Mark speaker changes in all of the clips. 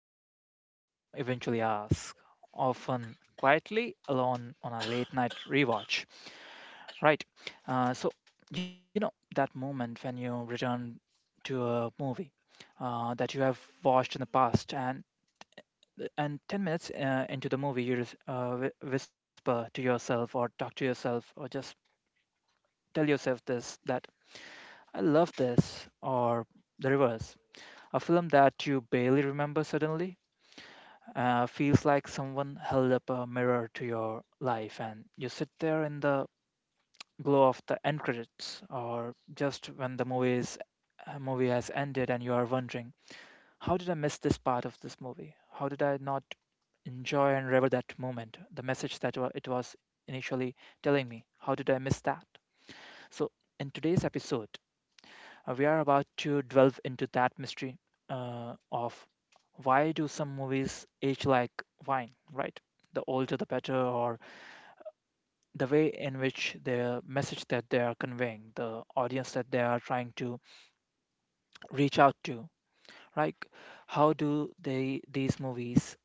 Speaker 1: every movie lover eventually asks, often quietly alone on a late night rewatch. Right? Uh, so, that moment when you return to a movie that you have watched in the past and 10 minutes into the movie you just whisper to yourself or talk to yourself or just tell yourself this that I love this, or the reverse. A film that you barely remember suddenly feels like someone held up a mirror to your life, and you sit there in the glow of the end credits, or just when the movie is a movie has ended, and you are wondering, how did I miss this part of this movie? How did I not enjoy and revel that moment, the message that it was initially telling me? How did I miss that? So, in today's episode, we are about to delve into that mystery of why do some movies age like wine, right? The older the better, or the way in which the message that they are conveying, the audience that they are trying to reach out to, right? How do they these movies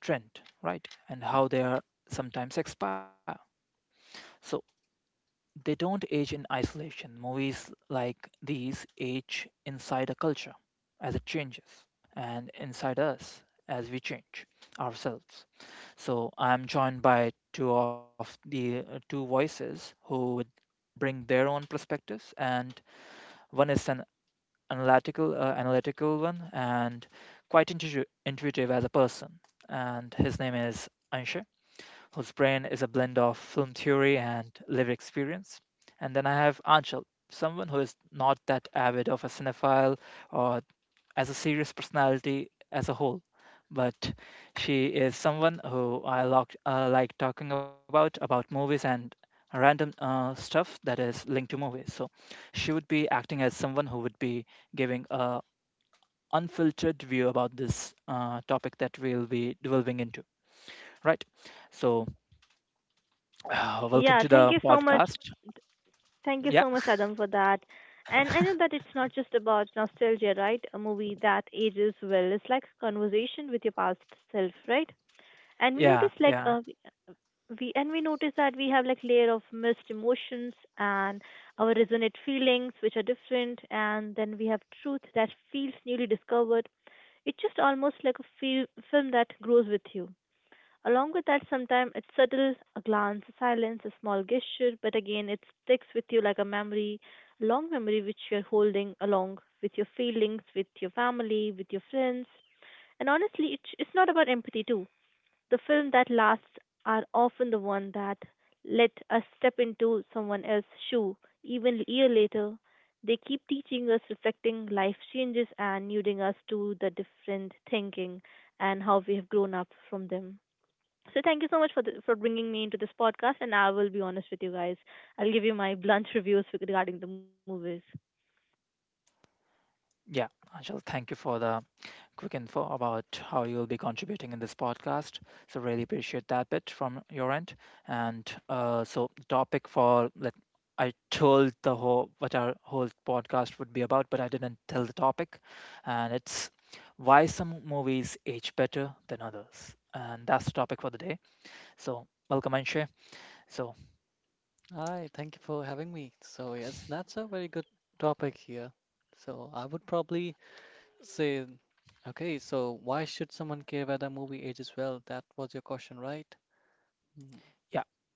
Speaker 1: trend, right? And how they are sometimes expire. So they don't age in isolation. Movies like these age inside a culture as it changes and inside us as we change ourselves. So I'm joined by two of the two voices who would bring their own perspectives, and one is an analytical one and quite intuitive as a person, and his name is Anshay, whose brain is a blend of film theory and lived experience. And then I have Anshul, someone who is not that avid of a cinephile or as a serious personality as a whole, but she is someone who I like talking about movies and random stuff that is linked to movies. So she would be acting as someone who would be giving a unfiltered view about this topic that we'll be delving into. Right. So welcome
Speaker 2: Yeah,
Speaker 1: to
Speaker 2: thank
Speaker 1: the
Speaker 2: you so much.
Speaker 1: podcast.
Speaker 2: Thank you
Speaker 1: Yeah,
Speaker 2: so much, Adam, for that. And I know that it's not just about nostalgia, right? A movie that ages well. It's like a conversation with your past self, right? And we
Speaker 1: yeah,
Speaker 2: notice
Speaker 1: yeah,
Speaker 2: we and we notice that we have like layer of missed emotions and our resonant feelings which are different and then we have truth that feels newly discovered. It's just almost like a film that grows with you. Along with that, sometimes it's subtle, a glance, a silence, a small gesture, but again, it sticks with you like a memory, a long memory which you're holding along with your feelings, with your family, with your friends. And honestly, it's not about empathy, too. The film that lasts are often the one that let us step into someone else's shoe. Even a year later, they keep teaching us, reflecting life changes and nuding us to the different thinking and how we have grown up from them. So thank you so much for for bringing me into this podcast. And I will be honest with you guys. I'll give you my blunt reviews regarding the movies.
Speaker 1: yeah. Angel, thank you for the quick info about how you'll be contributing in this podcast. So really appreciate that bit from your end. And so topic for let I told the whole what our whole podcast would be about, but I didn't tell the topic. And it's why some movies age better than others. And that's the topic for the day. So welcome Anshay. So
Speaker 3: Hi, thank you for having me. So, yes, that's a very good topic here. So, I would probably say, okay, so why should someone care whether a movie ages well? That was your question, right? Mm,
Speaker 1: yeah,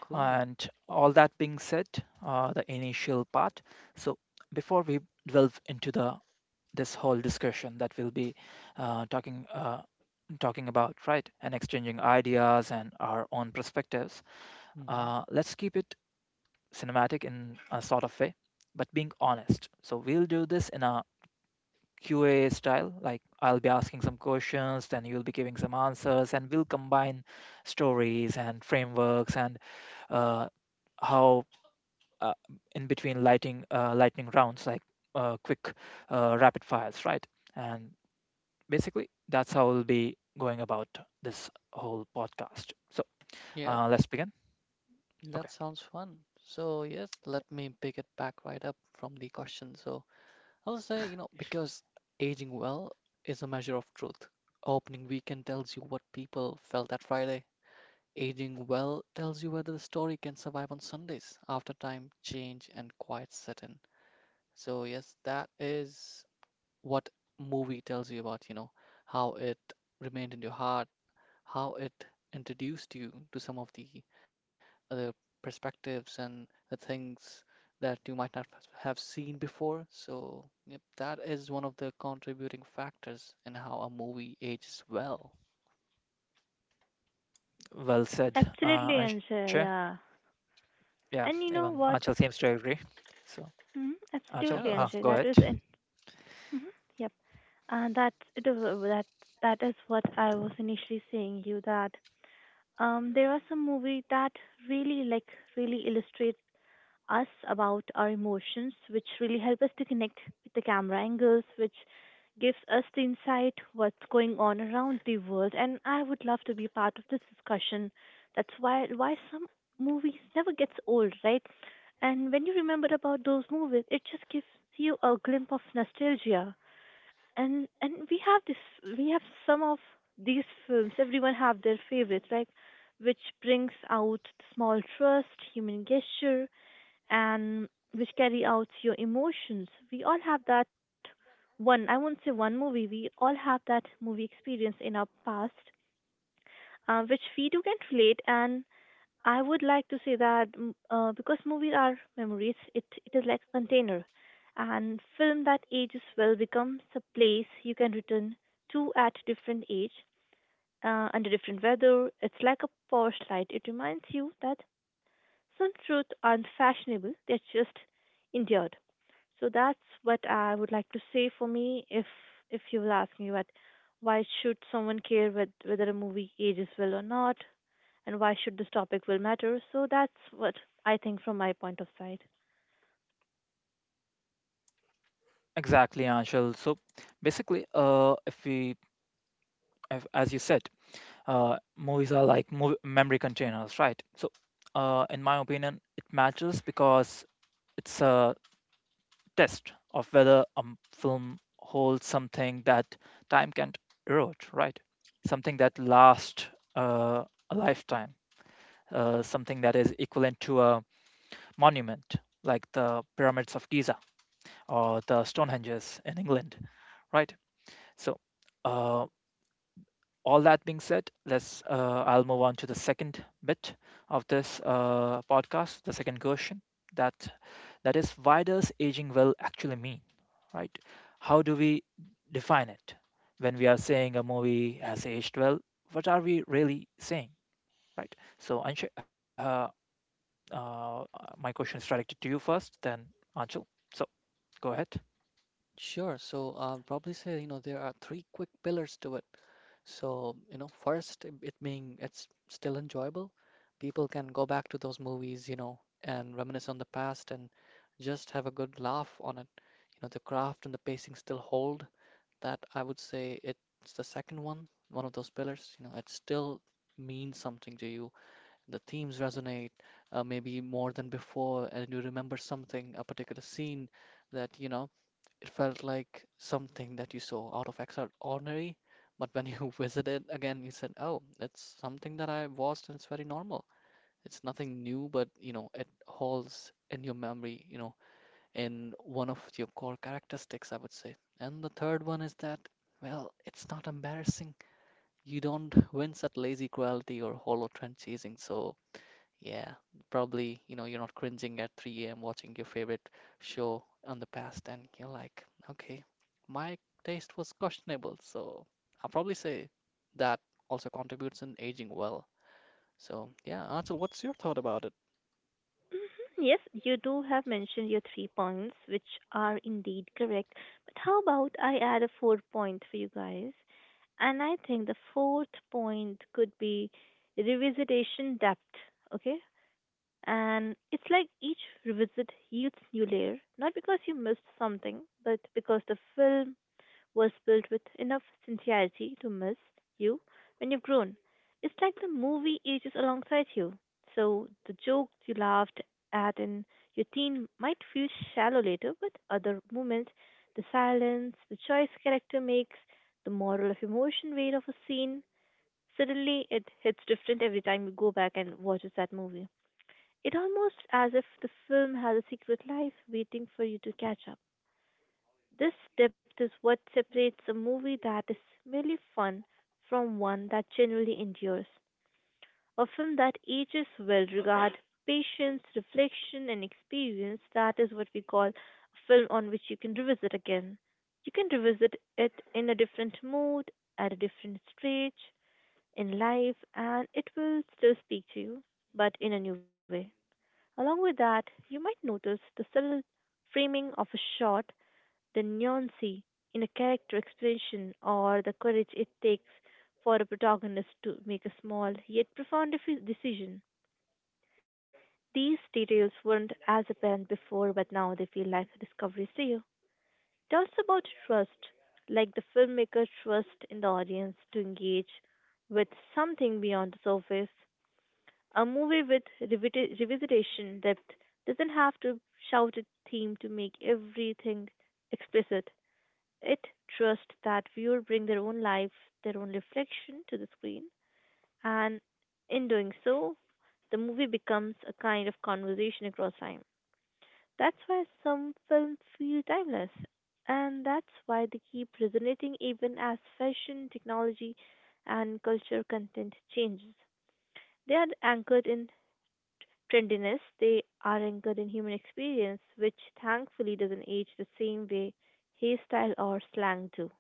Speaker 3: cool.
Speaker 1: and all that being said, the initial part. So before we delve into the this whole discussion that we'll be uh, talking uh, talking about, right? And exchanging ideas and our own perspectives.
Speaker 3: Hmm.
Speaker 1: Let's keep it cinematic in a sort of way, but being honest. So we'll do this in a Q and A style. Like I'll be asking some questions, then you'll be giving some answers, and we'll combine stories and frameworks and uh, how uh, in between lighting lightning rounds, like quick rapid fires, right? And basically, that's how we'll be going about this whole podcast. So
Speaker 3: Yeah,
Speaker 1: let's begin.
Speaker 3: that
Speaker 1: Okay,
Speaker 3: sounds fun. So, yes, let me pick it back right up from the question. So, I'll say, because aging well is a measure of truth. Opening weekend tells you what people felt that Friday. Aging well tells you whether the story can survive on Sundays after time, change, and quiet set in. So, yes, that is what movie tells you about, how it remained in your heart, how it introduced you to some of the other perspectives and the things that you might not have seen before. So, yep, that is one of the contributing factors in how a movie ages well.
Speaker 1: well said,
Speaker 2: Absolutely,
Speaker 1: Anshay.
Speaker 2: Anshay. Yeah.
Speaker 1: Yeah,
Speaker 2: And you
Speaker 1: even
Speaker 2: know
Speaker 1: Anshul
Speaker 2: what?
Speaker 1: seems to agree. So
Speaker 2: Hmm.
Speaker 1: Anshul,
Speaker 3: Yeah,
Speaker 2: Absolutely,
Speaker 3: that's
Speaker 2: Anshay.
Speaker 1: go
Speaker 2: That
Speaker 3: good.
Speaker 1: ahead.
Speaker 2: is it. Hmm. Yep. And that it is that That is what I was initially saying you that there are some movie that really like really illustrates us about our emotions, which really help us to connect with the camera angles, which gives us the insight what's going on around the world. And I would love to be part of this discussion. That's why some movies never gets old, right? And when you remember about those movies, it just gives you a glimpse of nostalgia. And we have some of these films. Everyone have their favorites, right? Which brings out the small trust, human gesture, and which carry out your emotions. We all have that one, I won't say one movie, we all have that movie experience in our past, which we do can relate. And I would like to say that because movies are memories, it is like a container. And film that ages well becomes a place you can return to at different age, under different weather. It's like a porch light. It reminds you that some truths aren't fashionable, they're just endured. So that's what I would like to say for me if you will ask me what why should someone care whether a movie ages well or not and why should this topic will matter. So that's what I think from my point of sight.
Speaker 1: Exactly, Anshul. So basically, if, as you said, movies are like memory containers, right? So, in my opinion, it matters because it's a test of whether a film holds something that time can't erode, right? Something that lasts uh, a lifetime, something that is equivalent to a monument like the pyramids of Giza or the Stonehenges in England, right? So uh, all that being said, let's I'll move on to the second bit of this podcast, the second question that that is why does aging well actually mean, right? How do we define it when we are saying a movie has aged well? What are we really saying, right? So, uh, my question is directed to you first, then Anshul. So, go ahead.
Speaker 3: Sure. So I'll probably say, there are three quick pillars to it. So, first, it's still enjoyable. People can go back to those movies, and reminisce on the past and just have a good laugh on it. The craft and the pacing still hold. That I would say it's the second one, one of those pillars. It still means something to you. The themes resonate, maybe more than before, and you remember something, a particular scene that, it felt like something that you saw out of extraordinary, but when you visited again, you said, "Oh, it's something that I watched and it's very normal. It's nothing new, but it holds in your memory, in one of your core characteristics, I would say." And the third one is that, well, it's not embarrassing. You don't wince at lazy cruelty or hollow trend chasing, so yeah, probably, you're not cringing at 3 a.m. watching your favorite show on the past, and you're like, okay, my taste was questionable. So I'll probably say that also contributes in aging well. So yeah, Archel, what's your thought about it?
Speaker 2: Mhm. Yes, you do have mentioned your three points, which are indeed correct. But how about I add a fourth point for you guys? And I think the fourth point could be revisitation depth, okay? And it's like each revisit yields new layer, not because you missed something, but because the film was built with enough sincerity to miss you when you've grown. It's like the movie ages alongside you. So the joke you laughed at in your teen might feel shallow later, but other moments, the silence, the choice character makes, the moral of emotion weight of a scene, suddenly it hits different every time you go back and watches that movie. It almost as if the film has a secret life waiting for you to catch up. This depth is what separates a movie that is merely fun from one that genuinely endures. A film that ages well regard patience, reflection, and experience. That is what we call a film on which you can revisit again. You can revisit it in a different mood, at a different stage in life, and it will still speak to you, but in a new way. Along with that, you might notice the subtle framing of a shot the nuancy in a character expression or the courage it takes for a protagonist to make a small yet profound decision. These details weren't as apparent before, but now they feel like discoveries to you. It's also about trust, like the filmmaker trust in the audience to engage with something beyond the surface. A movie with revisitation depth doesn't have to shout its theme to make everything explicit. It trusts that viewers bring their own life, their own reflection to the screen, and in doing so, the movie becomes a kind of conversation across time. That's why some films feel timeless, and that's why they keep resonating even as fashion, technology, and culture content changes. They are anchored in trendiness, they are anchored in human experience, which thankfully doesn't age the same way hairstyle or slang do. So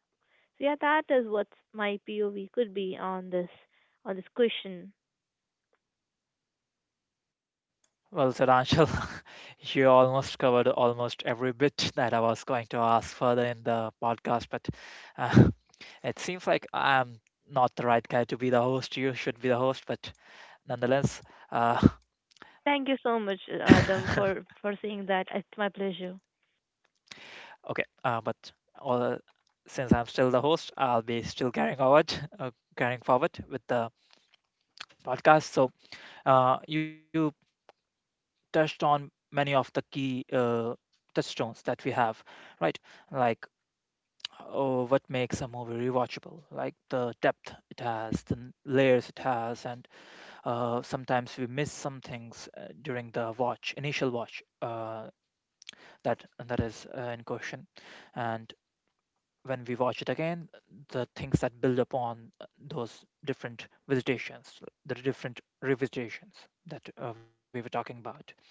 Speaker 2: yeah, that is what my POV could be on this question.
Speaker 1: Well said, Anshul. You almost covered almost every bit that I was going to ask further in the podcast, but uh, it seems like I'm not the right guy to be the host. You should be the host, but nonetheless, uh,
Speaker 2: Thank you so much,
Speaker 1: okay.
Speaker 2: Adam, for saying that. It's my pleasure.
Speaker 1: Uh, but all, since I'm still the host, I'll be still carrying forward, uh, carrying forward with the podcast. So you touched on many of the key touchstones that we have, right? Like oh, what makes a movie rewatchable, like the depth it has, the layers it has, and sometimes we miss some things during the watch, initial watch, that is in question, and when we watch it again, the things that build upon those different visitations, the different revisitations that we were talking about.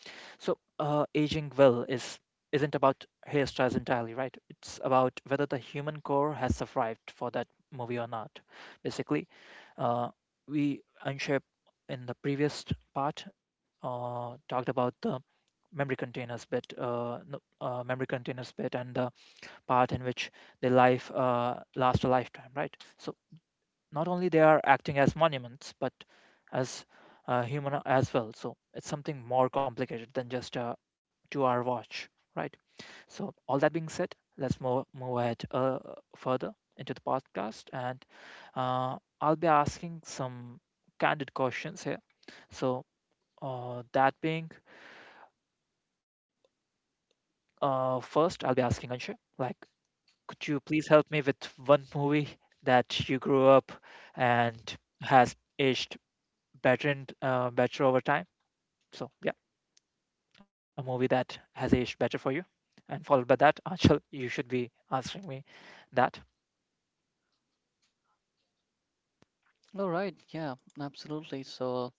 Speaker 1: So, aging well is isn't about hairstyles entirely, right? It's about whether the human core has survived for that movie or not. Basically, uh, we Anshay in the previous part talked about the memory containers bit, no- memory containers bit, and the part in which the life lasts a lifetime, right? So not only they are acting as monuments but as human as well, so it's something more complicated than just a two-hour watch, right? So all that being said, let's move ahead further into the podcast, and I'll be asking some candid questions here. So that being first I'll be asking Anshu, like could you please help me with one movie that you grew up and has aged better and better over time. So yeah, a movie that has aged better for you. And followed by that, Achal, you should be answering me that.
Speaker 3: All right, yeah, absolutely. So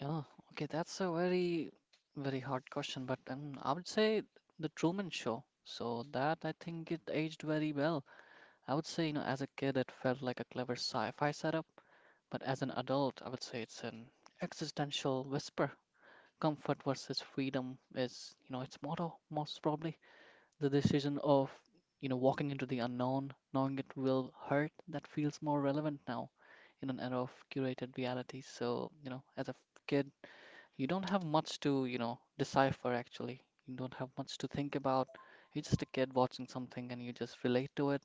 Speaker 3: yeah, okay, that's a very, very hard question, but I would say the Truman Show. So that I think it aged very well. I would say, as a kid, it felt like a clever sci-fi setup. But as an adult, I would say it's an existential whisper. Comfort versus freedom is, its motto, most probably. The decision of, walking into the unknown, knowing it will hurt, that feels more relevant now in an era of curated reality. So, as a kid, you don't have much to, decipher actually. You don't have much to think about. You're just a kid watching something and you just relate to it.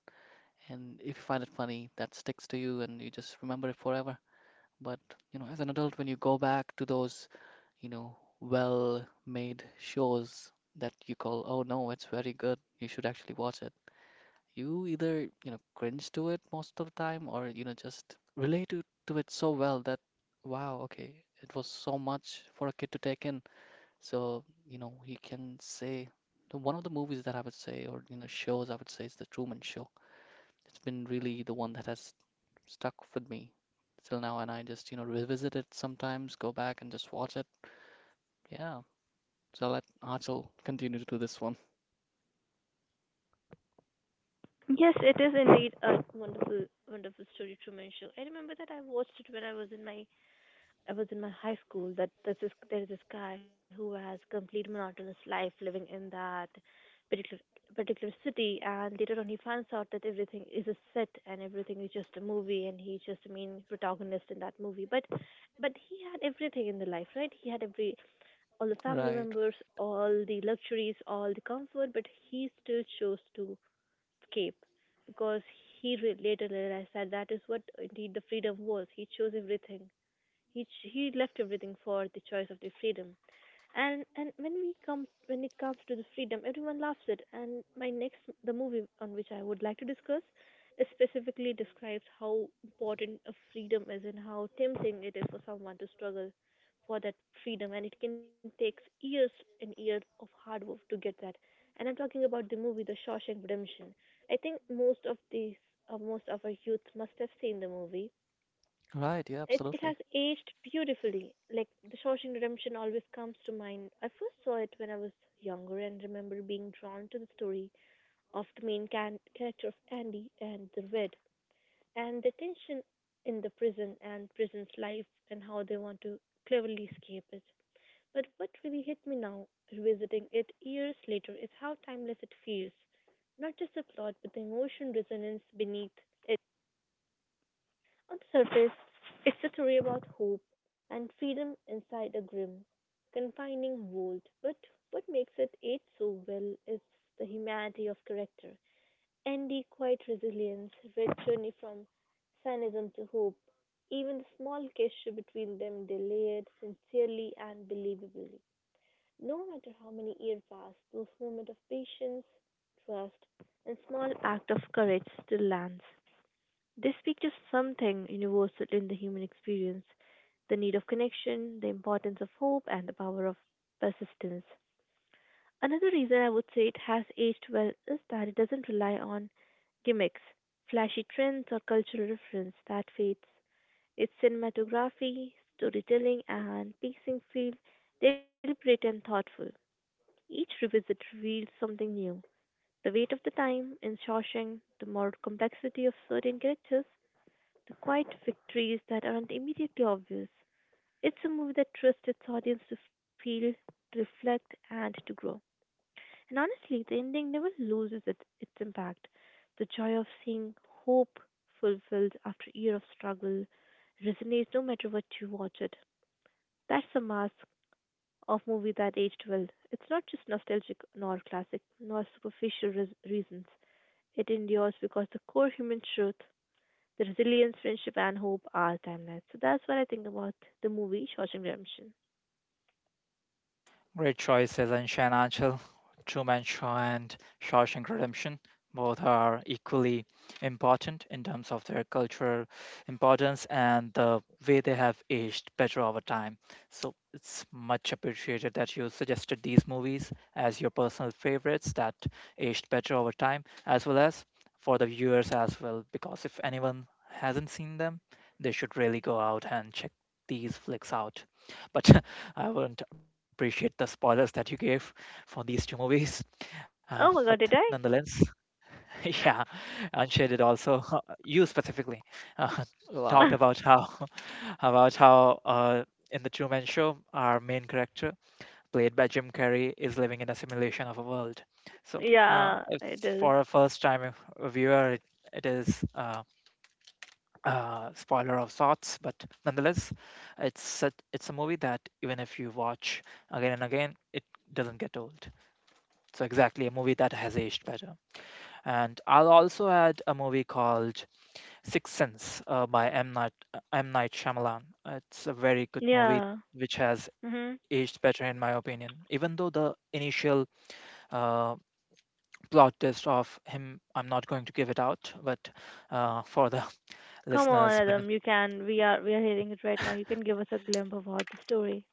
Speaker 3: And if you find it funny, that sticks to you and you just remember it forever. But as an adult, when you go back to those, well-made shows that you call, oh no, it's very good, you should actually watch it. You either, cringe to it most of the time, or just relate to it so well that, wow, okay, it was so much for a kid to take in. So, he can say one of the movies that I would say, or shows I would say, is The Truman Show. It's been really the one that has stuck with me till now, and I just, revisit it sometimes, go back and just watch it. Yeah. So let Achal continue to do this one.
Speaker 2: Yes, it is indeed a wonderful, wonderful story, Truman Show. I remember that I watched it when I was in my high school that there is this guy who has complete monotonous life living in that particular particular city and later on he finds out that everything is a set and everything is just a movie and he's just a main protagonist in that movie but he had everything in the life, right? he had every All the family
Speaker 3: Right.
Speaker 2: members, all the luxuries, all the comfort, but he still chose to escape because he later realized that that is what indeed the freedom was. He chose everything. He left everything for the choice of the freedom. And when it comes to the freedom, everyone loves it. And my next the movie on which I would like to discuss specifically describes how important a freedom is and how tempting it is for someone to struggle for that freedom, and it can take years and years of hard work to get that. And I'm talking about the movie The Shawshank Redemption. I think most of our youth must have seen the movie.
Speaker 3: Right. Yeah,
Speaker 2: It
Speaker 3: absolutely.
Speaker 2: has aged beautifully. Like, The Shawshank Redemption always comes to mind. I first saw it when I was younger and remember being drawn to the story of the main character of Andy and the Red and the tension in the prison and prison's life and how they want to cleverly escape it. But what really hit me now, revisiting it years later, is how timeless it feels. Not just the plot, but the emotion resonance beneath on the surface, it's a story about hope and freedom inside a grim, confining world. But what makes it age so well is the humanity of character. Andy, quiet resilience, Red's journey from cynicism to hope, even the small gesture between them, they layered sincerely and believably. No matter how many years pass, those moments of patience, trust, and small act of courage still lands. They speak to something universal in the human experience the need of connection, the importance of hope, and the power of persistence. Another reason I would say it has aged well is that it doesn't rely on gimmicks, flashy trends, or cultural reference that fades. Its cinematography, storytelling, and pacing feel deliberate and thoughtful. Each revisit reveals something new. The weight of the time in Shawshank, the moral complexity of certain characters, the quiet victories that aren't immediately obvious. It's a movie that trusts its audience to feel, to reflect, and to grow. And honestly, the ending never loses its impact. The joy of seeing hope fulfilled after a year of struggle resonates no matter what you watch it. That's the mask of movie that aged well. It's not just nostalgic nor classic nor superficial reasons. It endures because the core human truth the resilience, friendship, and hope are timeless. So that's what I think about the movie Shawshank Redemption.
Speaker 1: Great choices in Shanachal, Truman Show and Shawshank Redemption. Both are equally important in terms of their cultural importance and the way they have aged better over time. So it's much appreciated that you suggested these movies as your personal favorites that aged better over time, as well as for the viewers as well, because if anyone hasn't seen them, they should really go out and check these flicks out. But I wouldn't appreciate the spoilers that you gave for these two movies. But
Speaker 2: Oh my god, did
Speaker 1: nonetheless, yeah, Anshay did also, you specifically, uh, talked
Speaker 2: I?
Speaker 3: Wow.
Speaker 1: about how about how in the Truman Show, our main character, played by Jim Carrey, is living in a simulation of a world. So,
Speaker 2: yeah,
Speaker 1: if
Speaker 2: it is.
Speaker 1: for a first-time viewer, it is. Spoiler of sorts, but nonetheless, it's a movie that even if you watch again and again, it doesn't get old. So exactly a movie that has aged better. And I'll also add a movie called Sixth Sense by M Night Shyamalan. It's a very good movie
Speaker 2: Yeah.
Speaker 1: which has
Speaker 2: Mhm.
Speaker 1: aged better in my opinion. Even though the initial uh, plot twist of him, I'm not going to give it out, but for the
Speaker 2: Come on,
Speaker 1: listeners'
Speaker 2: Adam. You can. We are. We are hearing it right now. You can give us a glimpse about the story.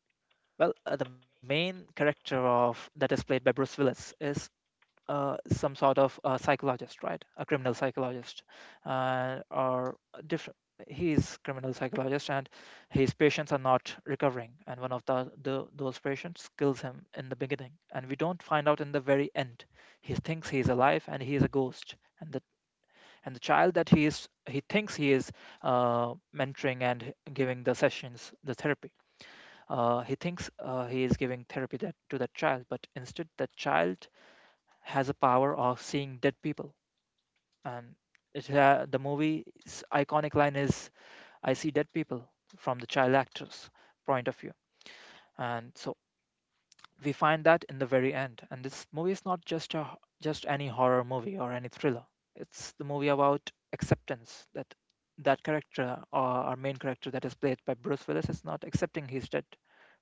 Speaker 1: Well, the main character of that is played by Bruce Willis, is some sort of a psychologist, right? A criminal psychologist, or different. He's criminal psychologist, and his patients are not recovering, and one of the those patients kills him in the beginning, and we don't find out in the very end. He thinks he is alive, and he is a ghost, and the child that he thinks he is mentoring and giving the sessions, the therapy he is giving therapy to that child, but instead, the child has a power of seeing dead people. And it, ha the movie's iconic line is, "I see dead people" from the child actor's point of view. And so we find that in the very end. And this movie is not just any horror movie or any thriller. It's the movie about acceptance, that that character or our main character that is played by Bruce Willis is not accepting he's dead,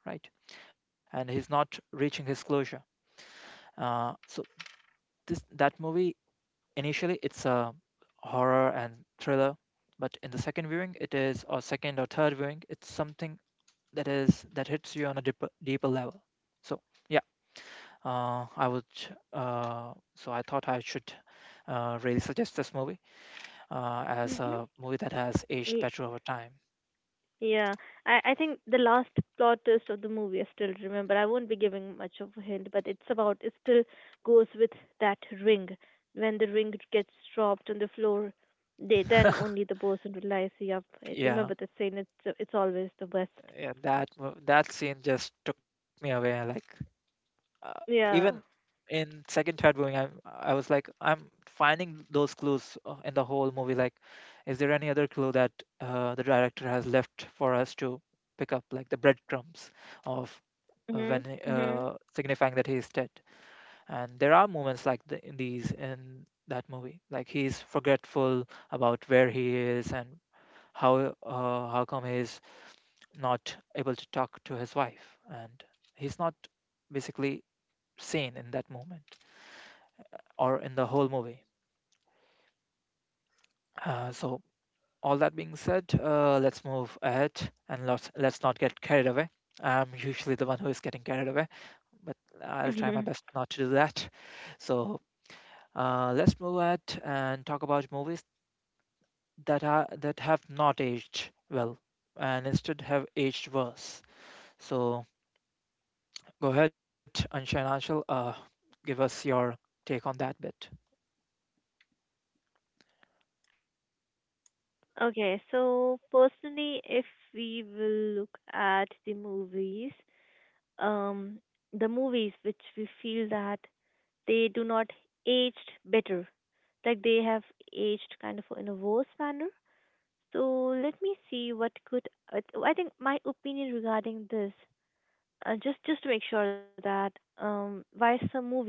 Speaker 1: right? And he's not reaching his closure. So this that movie initially it's a horror and thriller, but in the second viewing it is, or second or third viewing, it's something that is that hits you on a deeper level. So yeah, uh, I would, so I thought I should really suggest this movie as
Speaker 2: Mhm.
Speaker 1: a movie that has aged better over time.
Speaker 2: Yeah, I think the last plot twist of the movie I still remember. I won't be giving much of a hint, but it's about it still goes with that ring. When the ring gets dropped on the floor, they then only the person realize. Yep, I
Speaker 1: Yeah,
Speaker 2: remember the scene. It's always the best.
Speaker 1: yeah, that that scene just took me away. Like uh, even
Speaker 2: Yeah.
Speaker 1: in second, third viewing, I was like, I'm finding those clues in the whole movie. Like, is there any other clue that the director has left for us to pick up, like the breadcrumbs of
Speaker 2: Mhm. Mhm.
Speaker 1: signifying that he is dead? And there are moments like these in that movie like he's forgetful about where he is and how how come he's not able to talk to his wife and he's not basically sane in that moment or in the whole movie, so all that being said, let's move ahead and let's not get carried away. I'm usually the one who is getting carried away, but I'll try my
Speaker 2: Mhm.
Speaker 1: best not to do that. So let's move ahead and talk about movies that have not aged well and instead have aged worse. So go ahead, Anshay and Anshul, give us your take on that bit.
Speaker 2: Okay, so personally, if we will look at um, the movies which we feel that they do not aged better, like they have aged kind of in a worse manner. So let me see what could I I think my opinion regarding this, just to make sure that, why some movie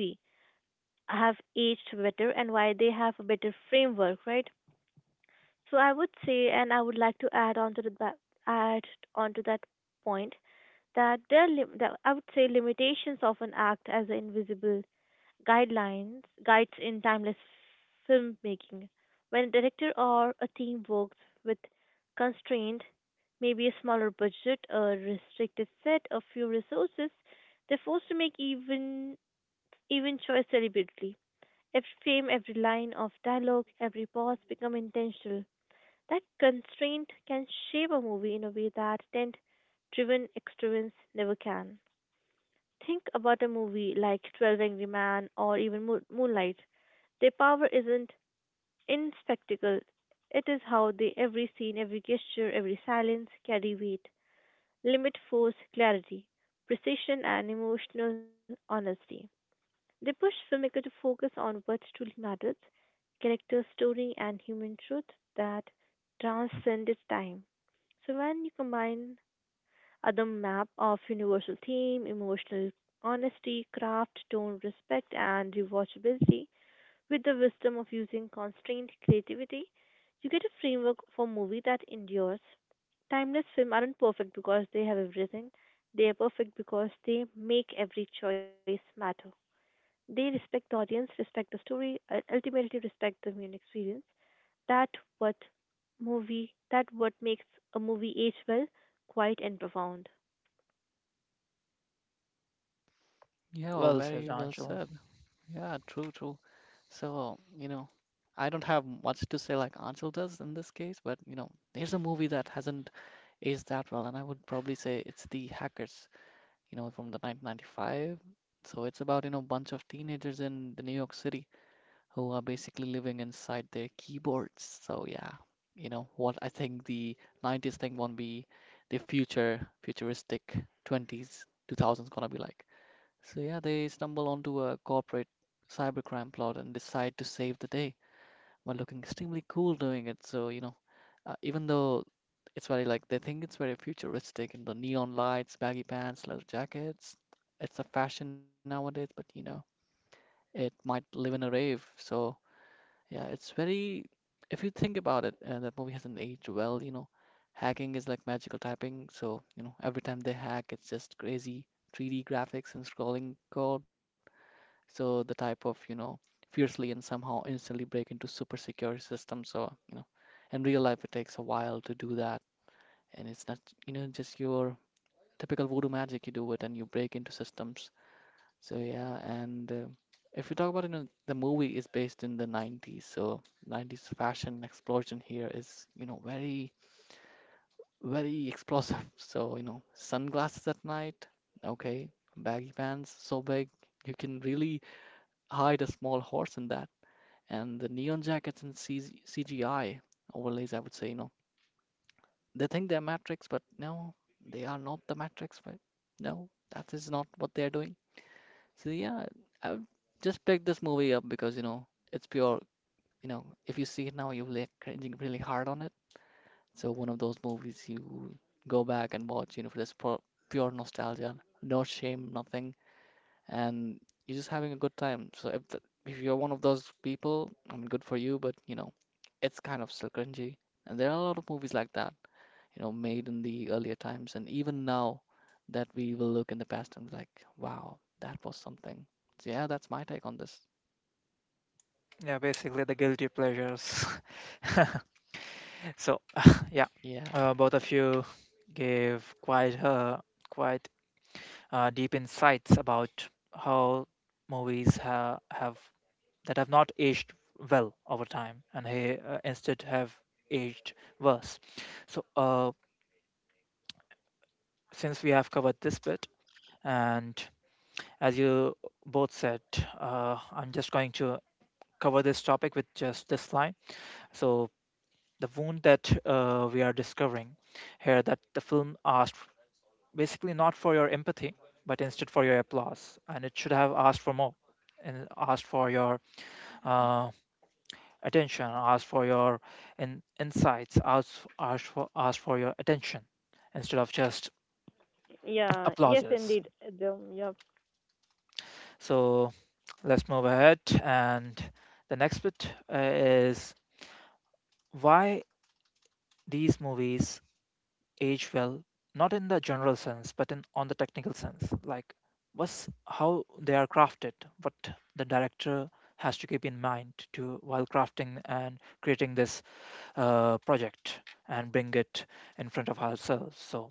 Speaker 2: have aged better and why they have a better framework, right? So I would say, and I would like to add on to add on to that point, that that I would say limitations of an act as invisible guidelines guides in timeless filmmaking. When a director or a team works with constraint, maybe a smaller budget, a restricted set, a few resources, they're forced to make even choice deliberately. Every frame, every line of dialogue, every pause become intentional. That constraint can shape a movie in a way that tent driven extravagance never can. Think about a movie like 12 Angry Men or even Moonlight. Their power isn't in spectacle, it is how they every scene, every gesture, every silence carry weight, limit, force, clarity, precision, and emotional honesty. They push filmmaker to focus on what truly matters: character, story, and human truth that transcended time. So when you combine other map of universal theme, emotional honesty, craft, tone, respect, and rewatchability, with the wisdom of using constrained creativity, you get a framework for movie that endures. Timeless films aren't perfect because they have everything. They are perfect because they make every choice matter. They respect the audience, respect the story, and ultimately respect the human experience. That what movie, that what makes a movie age well, quiet and profound.
Speaker 3: Yeah, oh,
Speaker 1: Well said,
Speaker 3: very well
Speaker 1: Anshul.
Speaker 3: said. Yeah, true, true. So, I don't have much to say like Achal does in this case, but, there's a movie that hasn't aged that well, and I would probably say it's The Hackers, from the 1995. So it's about, bunch of teenagers in the New York City who are basically living inside their keyboards. So yeah, you know what I think the 90s thing won't be the future futuristic 20s 2000s gonna be like. So yeah, they stumble onto a corporate cybercrime plot and decide to save the day while looking extremely cool doing it. So even though it's very like they think it's very futuristic and the neon lights, baggy pants, leather jackets, it's a fashion nowadays, but it might live in a rave. So yeah, it's very. If you think about it, that movie hasn't aged well. Hacking is like magical typing. So every time they hack, it's just crazy 3D graphics and scrolling code. So the type of fiercely and somehow instantly break into super secure systems. So in real life, it takes a while to do that, and it's not just your typical voodoo magic. You do it and you break into systems, so yeah, and if we talk about, the movie is based in the 90s, so 90s fashion explosion here is, very, very explosive. So, sunglasses at night, okay, baggy pants so big, you can really hide a small horse in that. And the neon jackets and CG CGI overlays, I would say, they think they're Matrix, but no, they are not the Matrix, but no, that is not what they're doing. So yeah, I would just pick this movie up because it's pure. If you see it now, you're like cringing really hard on it. So one of those movies you go back and watch, for this pure, pure nostalgia, no shame, nothing, and you're just having a good time. So if you're one of those people, I mean, good for you, but it's kind of still cringy. And there are a lot of movies like that made in the earlier times. And even now that we will look in the past and be like, wow, that was something. So yeah, that's my take on this.
Speaker 1: Yeah, basically the guilty pleasures. So yeah,
Speaker 3: Yeah,
Speaker 1: both of you gave quite deep insights about how movies ha- have that have not aged well over time and he instead have aged worse. So since we have covered this bit and as you both said, I'm just going to cover this topic with just this line. So the wound that we are discovering here, that the film asked basically not for your empathy but instead for your applause, and it should have asked for more and asked for your uh, attention, ask for your insights, ask for your attention instead of just
Speaker 2: Yeah, yes,
Speaker 1: applauses.
Speaker 2: indeed. Adam, yeah.
Speaker 1: So let's move ahead. And the next bit is why these movies age well, not in the general sense, but in on the technical sense. Like what's how they are crafted, what the director has to keep in mind to while crafting and creating this project and bring it in front of ourselves. So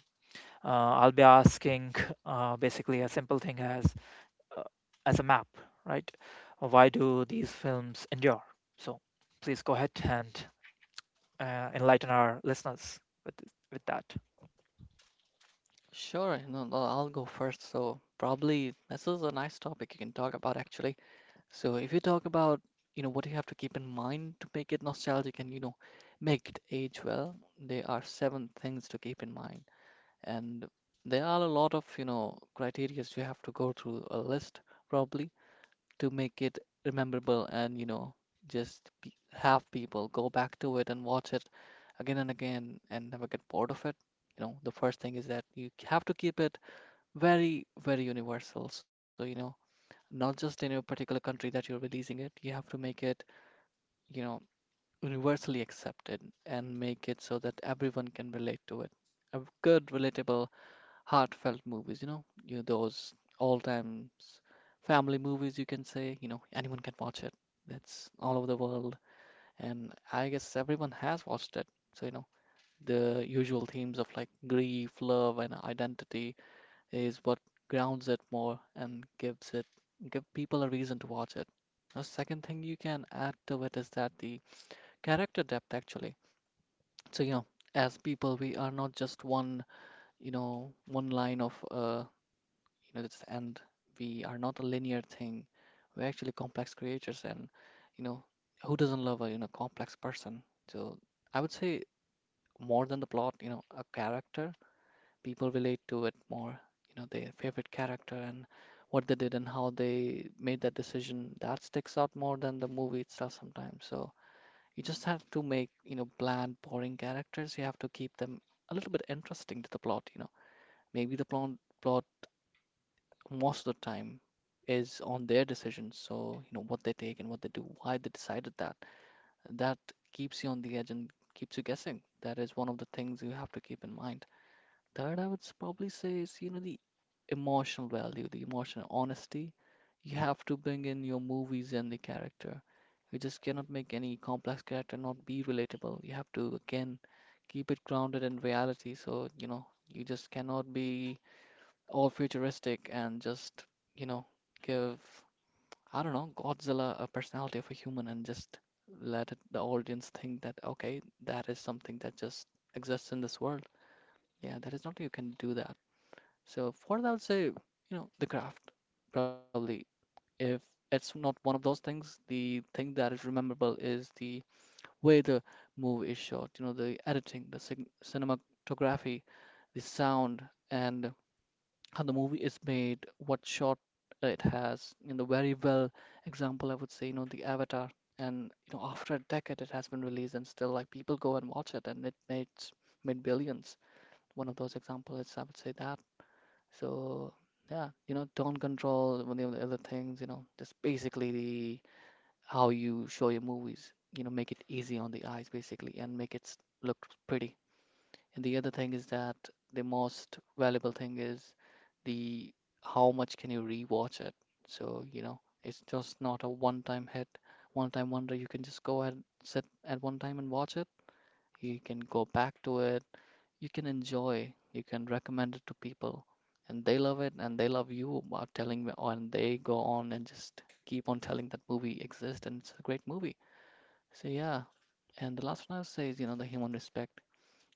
Speaker 1: I'll be asking basically a simple thing uh, as a map, right? Why do these films endure? So please go ahead and enlighten our listeners with that.
Speaker 3: sure. No, no, I'll go first. So probably this is a nice topic you can talk about actually. So if you talk about, what you have to keep in mind to make it nostalgic and, make it age well, there are seven things to keep in mind. And there are a lot of, criterias you have to go through a list probably, to make it rememberable and, just pe have people go back to it and watch it again and again and never get bored of it. The first thing is that you have to keep it very, very universal. So, not just in a particular country that you're releasing it, you have to make it, you know, universally accepted and make it so that everyone can relate to it. A good, relatable heartfelt movies, you know those all times family movies you can say, anyone can watch it. That's all over the world, and I guess everyone has watched it. So, the usual themes of like grief, love, and identity is what grounds it more and give people a reason to watch it. The second thing you can add to it is that the character depth actually. So, as people, we are not just one, one line of you know that's the end, we are not a linear thing, we're actually complex creatures and you know who doesn't love a complex person, so I would say more than the plot, a character, people relate to it more, their favorite character and what they did and how they made that decision that sticks out more than the movie itself sometimes. So you just have to make, bland boring characters, you have to keep them a little bit interesting to the plot, maybe the plot most of the time is on their decisions. So, what they take and what they do, why they decided that. That keeps you on the edge and keeps you guessing. That is one of the things you have to keep in mind. Third, I would probably say is, the emotional value, the emotional honesty. You have to bring in your movies and the character. You just cannot make any complex character not be relatable. You have to, again, keep it grounded in reality. So, you know, you just cannot be all futuristic and just, you know, give, I don't know, Godzilla a personality of a human and just let it, the audience think that, okay, that is something that just exists in this world. Yeah, that is not, you can do that. So for that, I would say, you know, the craft, probably. If it's not one of those things, the thing that is rememberable is the way the movie is shot, you know, the editing, the cinematography, the sound, and how the movie is made, what shot it has. You know, very well example I would say, you know, the Avatar. And you know, after a decade it has been released and still like people go and watch it and it made billions. One of those examples is I would say that. So yeah, you know, do control one of the other things, you know, just basically the how you show your movies. You know, make it easy on the eyes basically and make it look pretty. And the other thing is that the most valuable thing is the how much can you rewatch it. So, you know, it's just not a one-time hit, one-time wonder. You can just go and sit at one time and watch it. You can go back to it. You can enjoy. You can recommend it to people. And they love it and they love you about telling me, and they go on and just keep on telling that movie exists and it's a great movie. So, yeah. And the last one I would say is, you know, the human respect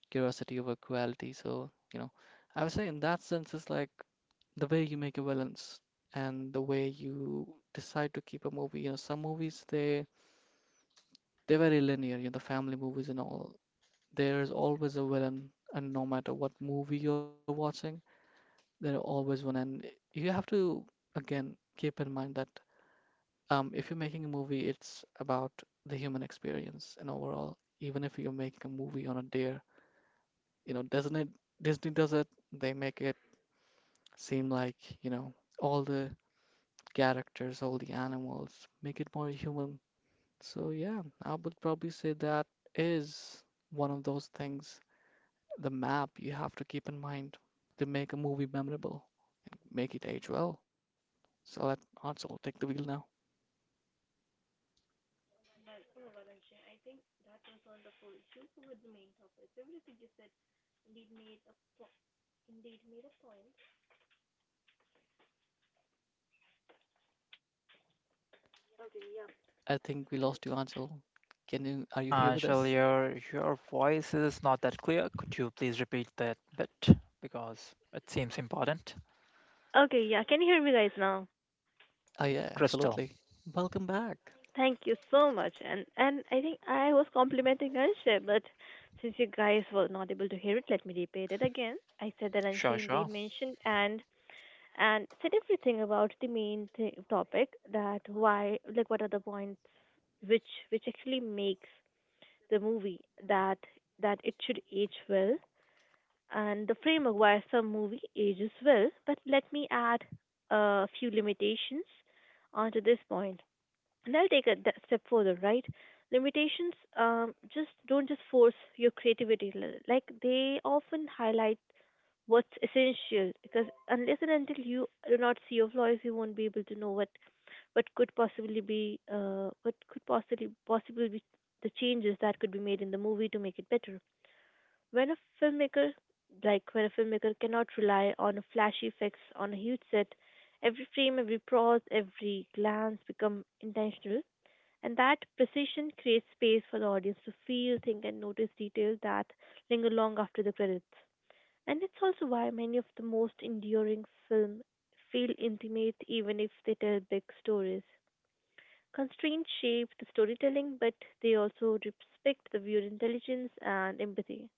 Speaker 3: curiosity over quality. So, you know, I would say in that sense, it's like the way you make a balance and the way you decide to keep a movie. You know, some movies they're very linear, you know, the family movies and all. There's always a villain, and no matter what movie you're watching, there are always one. And you have to again keep in mind that if you're making a movie, it's about the human experience and overall. Even if you're making a movie on a dare, you know, doesn't it Disney does it, they make it seem like, you know, all the characters, all the animals, make it more human. So yeah, I would probably say that is one of those things, the map you have to keep in mind to make a movie memorable and make it age well. So let Ansel take the wheel now. I think we lost you, Ansel. Can you, are you here with
Speaker 1: Shirley,
Speaker 3: us?
Speaker 1: your voice is not that clear. Could you please repeat that bit because it seems important?
Speaker 2: Okay, yeah, can you hear me guys now?
Speaker 3: Oh yeah,
Speaker 1: Crystal,
Speaker 3: absolutely. Welcome back.
Speaker 2: Thank you so much. And I think I was complimenting Anshay, but since you guys were not able to hear it, let me repeat it again. I said that
Speaker 1: sure,
Speaker 2: Anshay indeed
Speaker 1: sure.
Speaker 2: mentioned and said everything about the main topic, that why, like, what are the points which actually makes the movie, that that it should age well, and the framework why some movie ages well. But let me add a few limitations onto this point. And I'll take a step further, right? Limitations, just don't just force your creativity. Like they often highlight what's essential, because unless and until you do not see your flaws, you won't be able to know what could possibly be, what could possibly be the changes that could be made in the movie to make it better. When a filmmaker Like when a filmmaker cannot rely on flashy effects on a huge set, every frame, every pause, every glance become intentional, and that precision creates space for the audience to feel, think, and notice details that linger long after the credits. And it's also why many of the most enduring films feel intimate even if they tell big stories. Constraints shape the storytelling, but they also respect the viewer intelligence and empathy.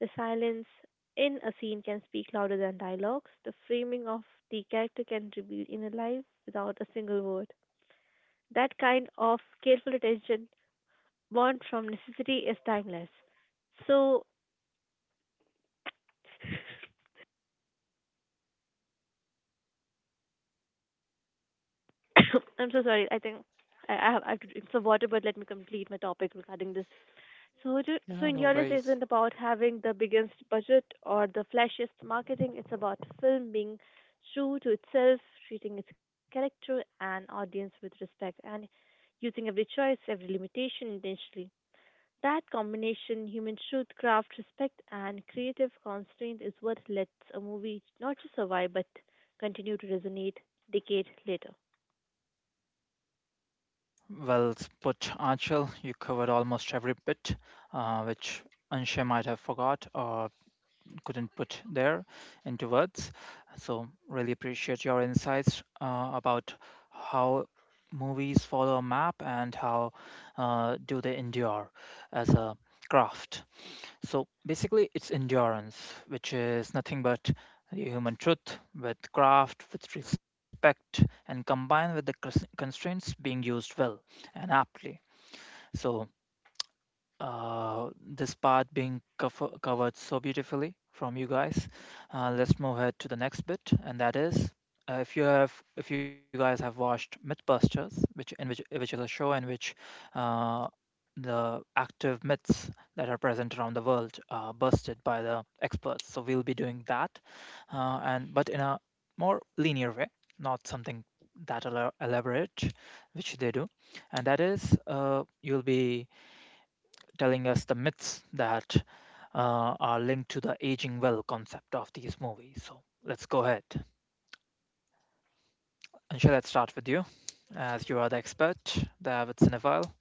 Speaker 2: The silence in a scene can speak louder than dialogues. The framing of the character can reveal inner life without a single word. That kind of careful attention, born from necessity, is timeless. So I'm so sorry. I think I have I have to drink some water, but let me complete my topic regarding this.
Speaker 3: Yeah,
Speaker 2: So
Speaker 3: no
Speaker 2: endurance
Speaker 3: worries.
Speaker 2: isn't about having the biggest budget or the flashiest marketing. It's about film being true to itself, treating its character and audience with respect, and using every choice, every limitation intentionally. That combination, human truth, craft, respect, and creative constraint is what lets a movie not just survive but continue to resonate decades later.
Speaker 1: Well put, Anshul. You covered almost every bit, which Anshay might have forgot or couldn't put there into words. So really appreciate your insights about how movies follow a map and how do they endure as a craft. So basically, it's endurance, which is nothing but the human truth with craft, with respect, and combined with the constraints being used well and aptly. So this part being covered so beautifully from you guys. Let's move ahead to the next bit, and that is, if you have if you guys have watched MythBusters, which in which is a show in which uh, the active myths that are present around the world are busted by the experts. So we'll be doing that, and but in a more linear way, not something that elaborate, which they do, and that is, you'll be telling us the myths that are linked to the aging well concept of these movies. So let's go ahead. And let's start with you, as you are the expert, the avid cinephile?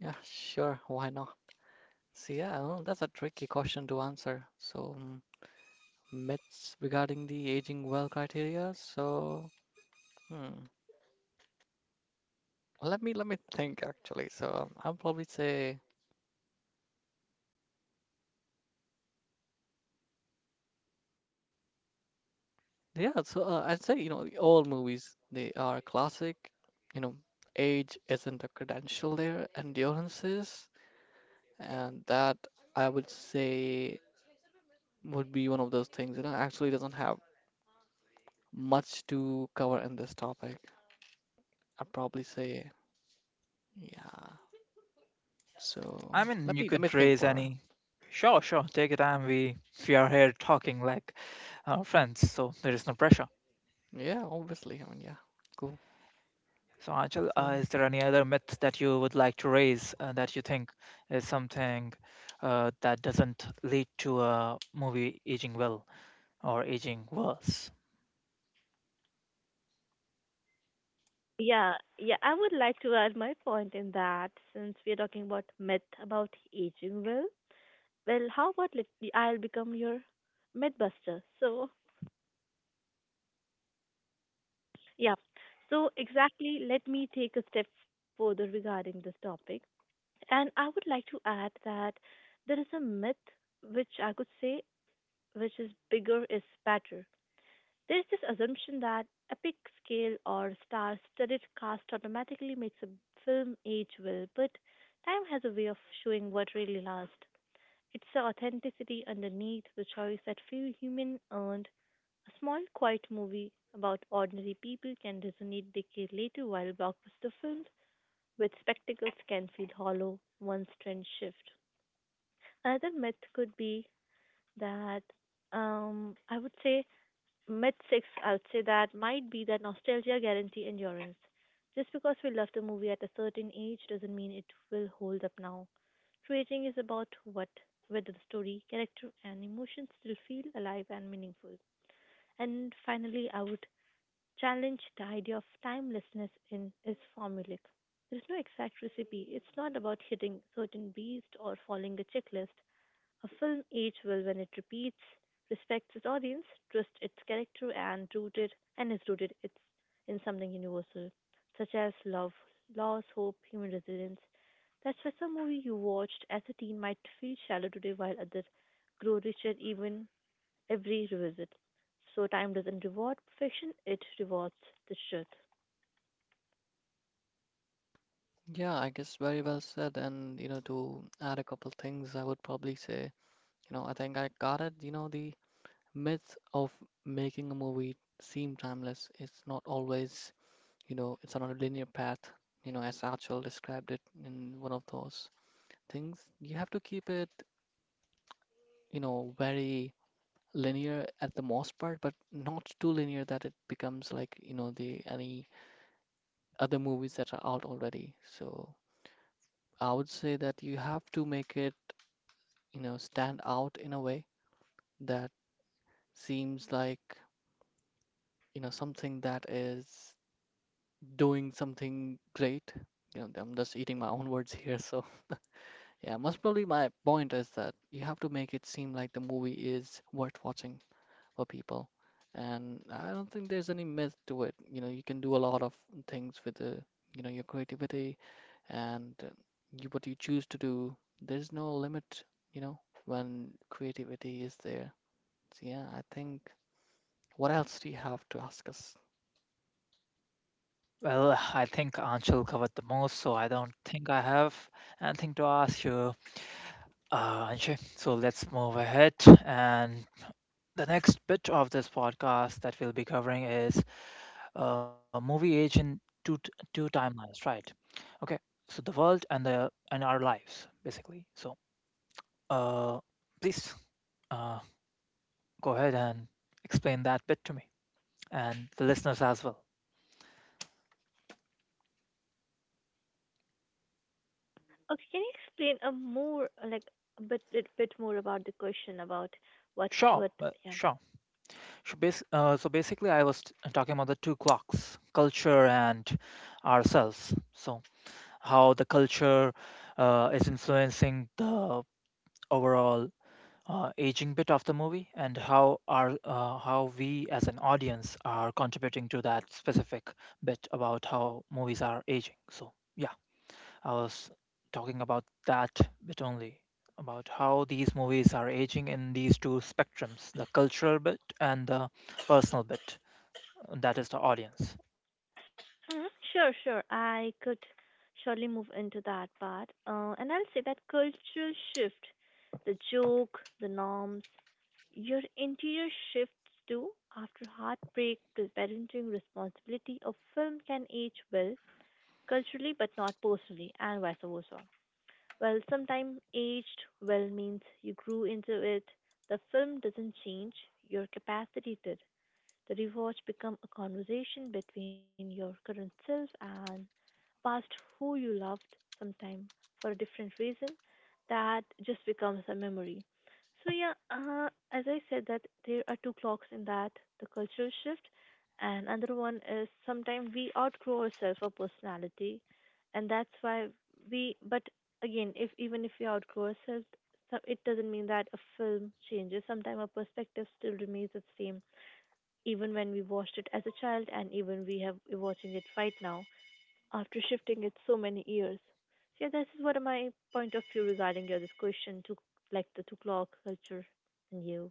Speaker 3: Yeah, sure, why not? So yeah, well, that's a tricky question to answer. So myths regarding the aging well criteria. So, hmm, let me think actually. So I'll probably say yeah. So I'd say you know all movies they are classic. You know, age isn't a credential there. Endurance is, and that I would say would be one of those things. You know, actually doesn't have much to cover in this topic. I'd probably say yeah.
Speaker 1: I
Speaker 3: So
Speaker 1: mean,
Speaker 3: let
Speaker 1: you
Speaker 3: me let me
Speaker 1: could
Speaker 3: think,
Speaker 1: raise
Speaker 3: Bara.
Speaker 1: any. Sure, sure. Take your time. We are here talking like friends, so there is no pressure.
Speaker 3: Yeah, obviously. I mean, yeah. Go
Speaker 1: So, Anchal,
Speaker 3: so,
Speaker 1: is there any other myth that you would like to raise that you think is something that doesn't lead to a movie aging well or aging worse?
Speaker 2: Yeah, yeah, I would like to add my point in that, since we are talking about myth about aging well. Well, how about, let me, I'll become your mythbuster. So, yeah. So exactly, let me take a step further regarding this topic. And I would like to add that there is a myth which I could say, which is bigger is better. There's this assumption that epic scale or star studded cast automatically makes a film age well, but time has a way of showing what really lasts. It's the authenticity underneath the choice that few human earned. A small, quiet movie about ordinary people can resonate decades later, while blockbuster films with spectacles can feel hollow once trends shift. Another myth could be that, I would say, mid six, I would say that might be that nostalgia guarantee endurance. Just because we loved a movie at a certain age doesn't mean it will hold up now. True aging is about what, whether the story, character, and emotions still feel alive and meaningful. And finally, I would challenge the idea of timelessness in is formulaic. There's no exact recipe. It's not about hitting certain beats or following a checklist. A film aged well when it repeats, respects its audience, trusts its character, and is rooted in something universal, such as love, loss, hope, human resilience. That's why some movie you watched as a teen might feel shallow today, while others grow richer even every revisit. So time doesn't reward perfection; it rewards the truth.
Speaker 3: yeah, I guess very well said. And, you know, to add a couple things, I would probably say, you know, I think I got it. You know, the myth of making a movie seem timeless, it's not always, you know, it's not a linear path, you know, as Achal described it in one of those things. You have to keep it, you know, very linear at the most part, but not too linear that it becomes like, you know, the any other movies that are out already. So, I would say that you have to make it you know, stand out in a way that seems like, you know, something that is doing something great. You know, I'm just eating my own words here. So, yeah, most probably my point is that you have to make it seem like the movie is worth watching for people. And I don't think there's any myth to it. You know, you can do a lot of things with the, you know, your creativity and you, what you choose to do. There's no limit, you know, when creativity is there. So yeah, I think what else do you have to ask us?
Speaker 1: Well, I think Anshul covered the most, so I don't think I have anything to ask you, Anshul. So let's move ahead. And the next bit of this podcast that we'll be covering is movie age in two timelines, right? Okay, so the world and the and our lives, basically. So, uh, please uh, go ahead and explain that bit to me and the listeners as well.
Speaker 2: Okay, can you explain a more like a bit more about the question about what
Speaker 1: Sure,
Speaker 2: what yeah.
Speaker 1: sure. So, basically, I was talking about the two clocks, culture and ourselves. So, how the culture is influencing the overall aging bit of the movie, and how our how we as an audience are contributing to that specific bit about how movies are aging. So, yeah, I was talking about that bit only. About how these movies are aging in these two spectrums, the cultural bit and the personal bit, that is the audience.
Speaker 2: Mhm. Sure, sure. I could surely move into that part. And I'll say that cultural shift, the joke, the norms, your interior shifts too. After heartbreak, the parenting responsibility, a film can age well culturally but not personally, and vice versa. Well, sometimes aged well means you grew into it. The film doesn't change, your capacity did. The rewatch become a conversation between your current self and past who you loved sometime for a different reason that just becomes a memory. So yeah, as I said, that there are two clocks in that: the cultural shift, and another one is sometimes we outgrow ourselves or personality, and that's why we, but again, if even if we outgrow ourselves, it doesn't mean that a film changes. Sometimes our perspective still remains the same, even when we watched it as a child and even we're watching it right now after shifting it so many years. So yeah, this is what my point of view regarding your this question, to, like, the two clock culture and you.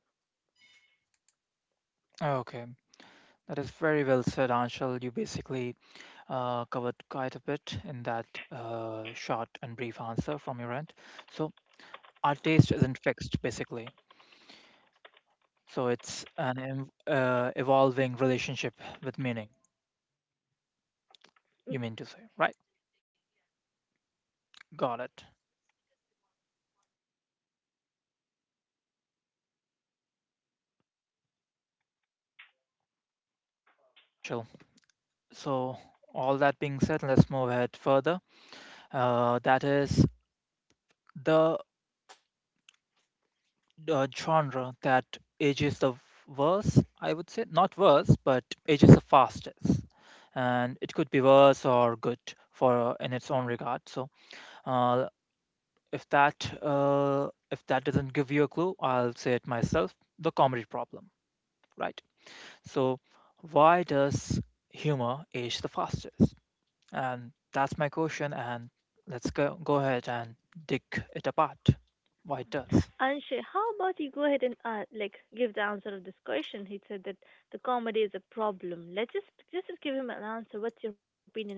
Speaker 1: Okay, that is very well said, Anshul. You basically covered quite a bit in that short and brief answer from your end. So, our taste isn't fixed, basically. So, it's an evolving relationship with meaning, you mean to say, right? Got it. Sure. So, all that being said, let's move ahead further. That is the genre that ages the verse, I would say. Not verse, but ages the fastest. And it could be worse or good for, in its own regard. So uh, if that doesn't give you a clue, I'll say it myself. The comedy problem, right? So why does humor age the fastest? And that's my question. And let's go ahead and dig it apart. Why it does?
Speaker 2: Anshay, how about you go ahead and, like, give the answer of this question? He said that the comedy is a problem. Let's just give him an answer. What's your opinion in this?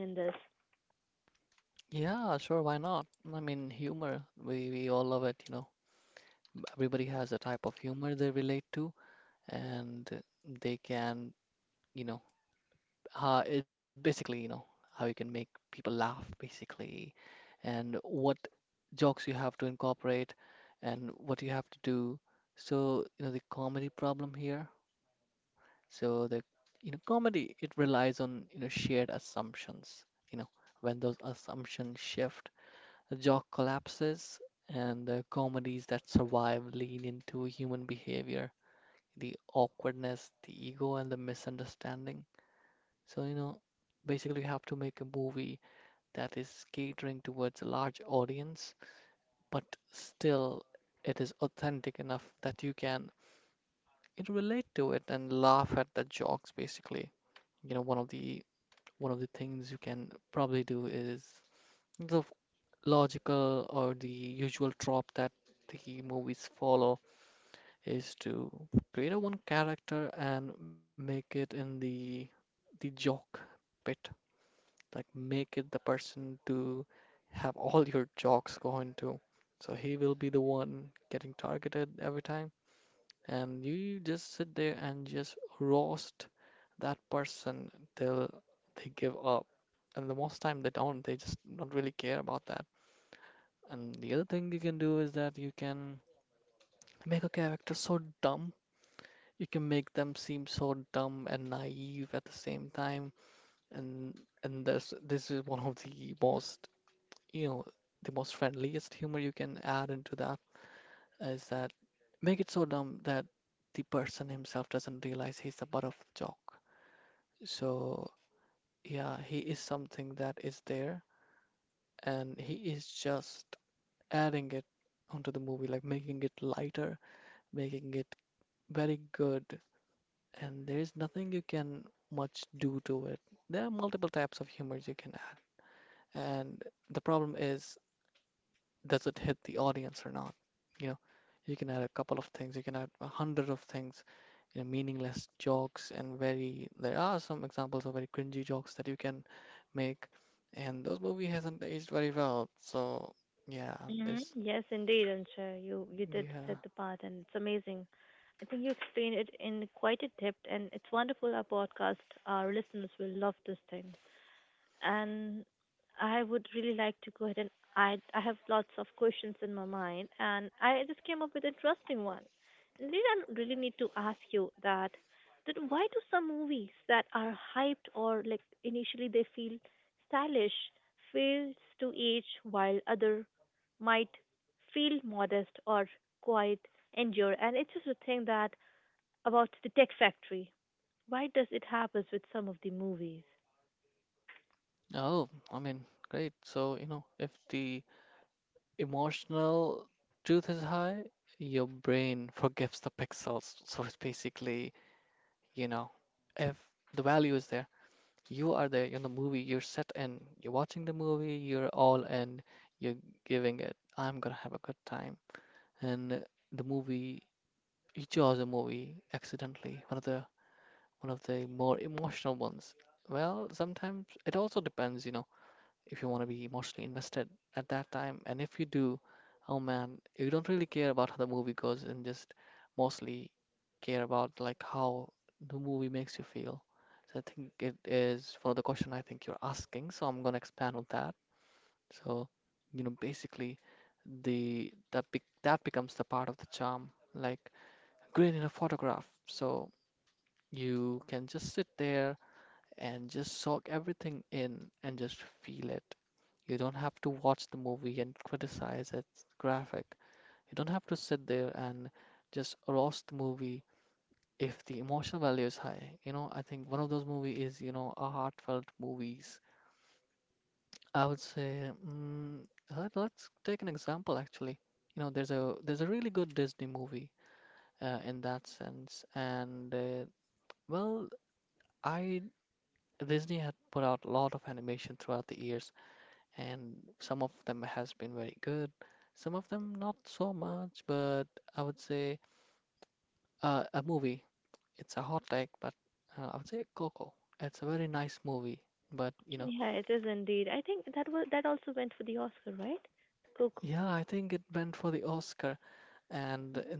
Speaker 2: Mm-hmm. Yes, indeed, Ansha. You did set the path, and it's amazing. I think you explained it in quite a depth, and it's wonderful. Our podcast, our listeners will love this thing, and I would really like to go ahead, and I have lots of questions in my mind, and I just came up with an interesting one. And really, I really need to ask you that, that why do some movies that are hyped or, like, initially they feel stylish fails to age, while other might feel modest or quite endure? And it's just a thing that about the Tech Factory. Why does it happen with some of the movies? Yeah, it is indeed. I think that was, that also went for the Oscar, right? Coco. Hmm.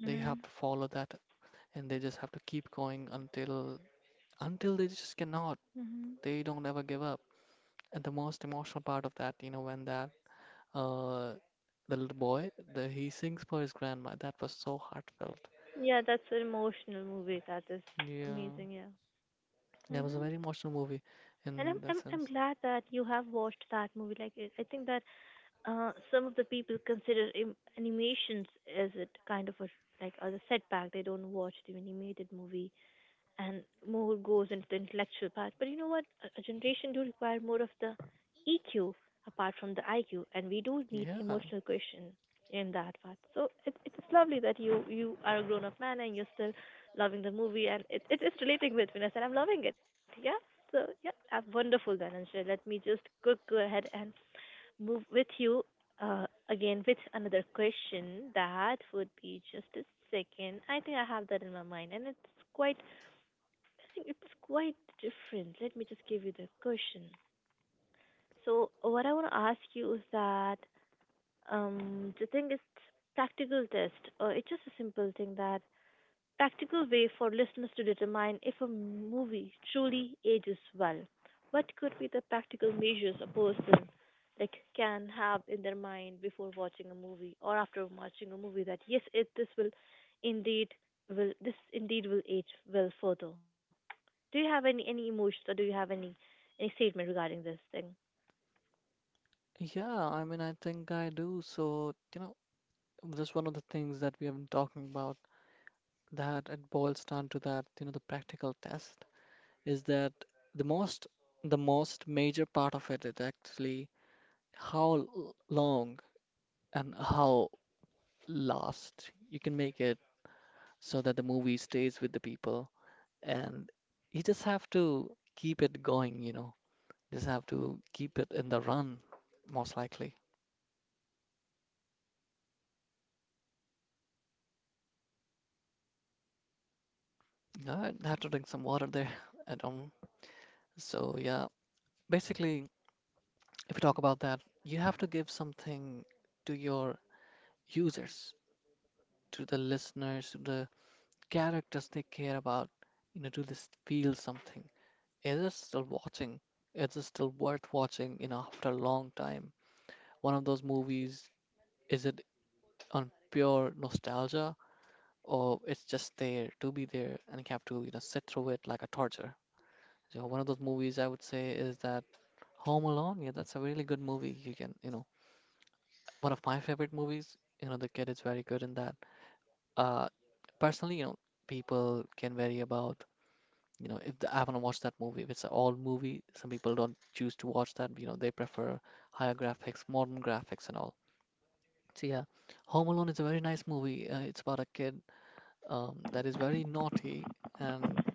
Speaker 2: Mhm. Mhm. Yeah, that's an emotional movie. That is amazing. Yeah. Hmm. And I'm glad that you have watched that movie. Like it, I think that, uh, some of the people consider animations as a kind of a, like, as a setback. They don't watch the animated movie, and more goes into the intellectual part. But you know what? A generation do require more of the EQ apart from the IQ, and we do need emotional question in that part. So it's lovely that you are a grown up man and you're still loving the movie, and it is relating with me, and I'm loving it. Yeah. So yeah, that's wonderful then, Anshul. Let me just go ahead and move with you, again with another question. That would be just a second. I think I have that in my mind, and it's quite I think it's quite different. Let me just give you the question. So what I want to ask you is that, the thing is practical test. It's just a simple thing that practical way for listeners to determine if a movie truly ages well. What could be the practical measures a person, like, can have in their mind before watching a movie or after watching a movie, that yes, it this will indeed, will this indeed will age well further. Do you have any emotions or do you have any statement regarding this thing?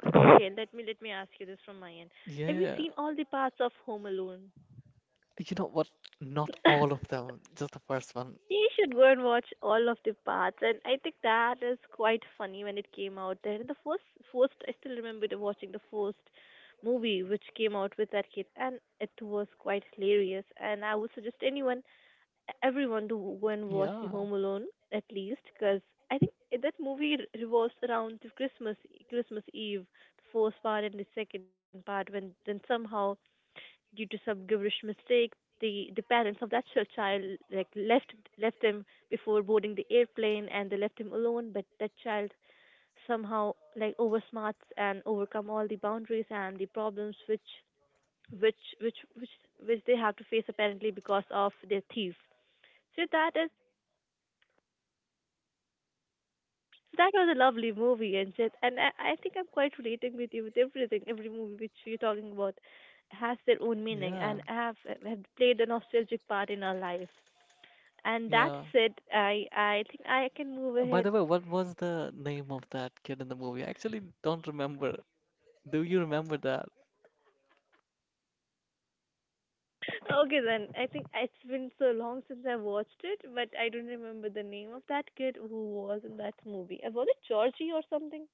Speaker 2: Okay, let me ask you this from my end. Have you seen all the parts of Home Alone? You should go and watch all of the parts, and I think that is quite funny when it came out there. The first I still remember watching the first movie which came out with that kid, and it was quite hilarious. And I would suggest anyone everyone to go and watch the Home Alone, at least, because I think that movie revolves around the Christmas Eve, the first part and the second part. When then somehow, due to some gibberish mistake, the parents of that child like left him before boarding the airplane, and they left him alone. But that child somehow like oversmarts and overcome all the boundaries and the problems which which which which they have to face apparently because of their thief. So that is That was a lovely movie, and just, and I think I'm quite relating with you with everything. Every movie which you're talking about has their own meaning and have played a nostalgic part in our life. And that's it. I think I can move ahead. Okay then. I think it's been so long since I watched it, but I don't remember the name of that kid who was in that movie. Was it Georgie or something?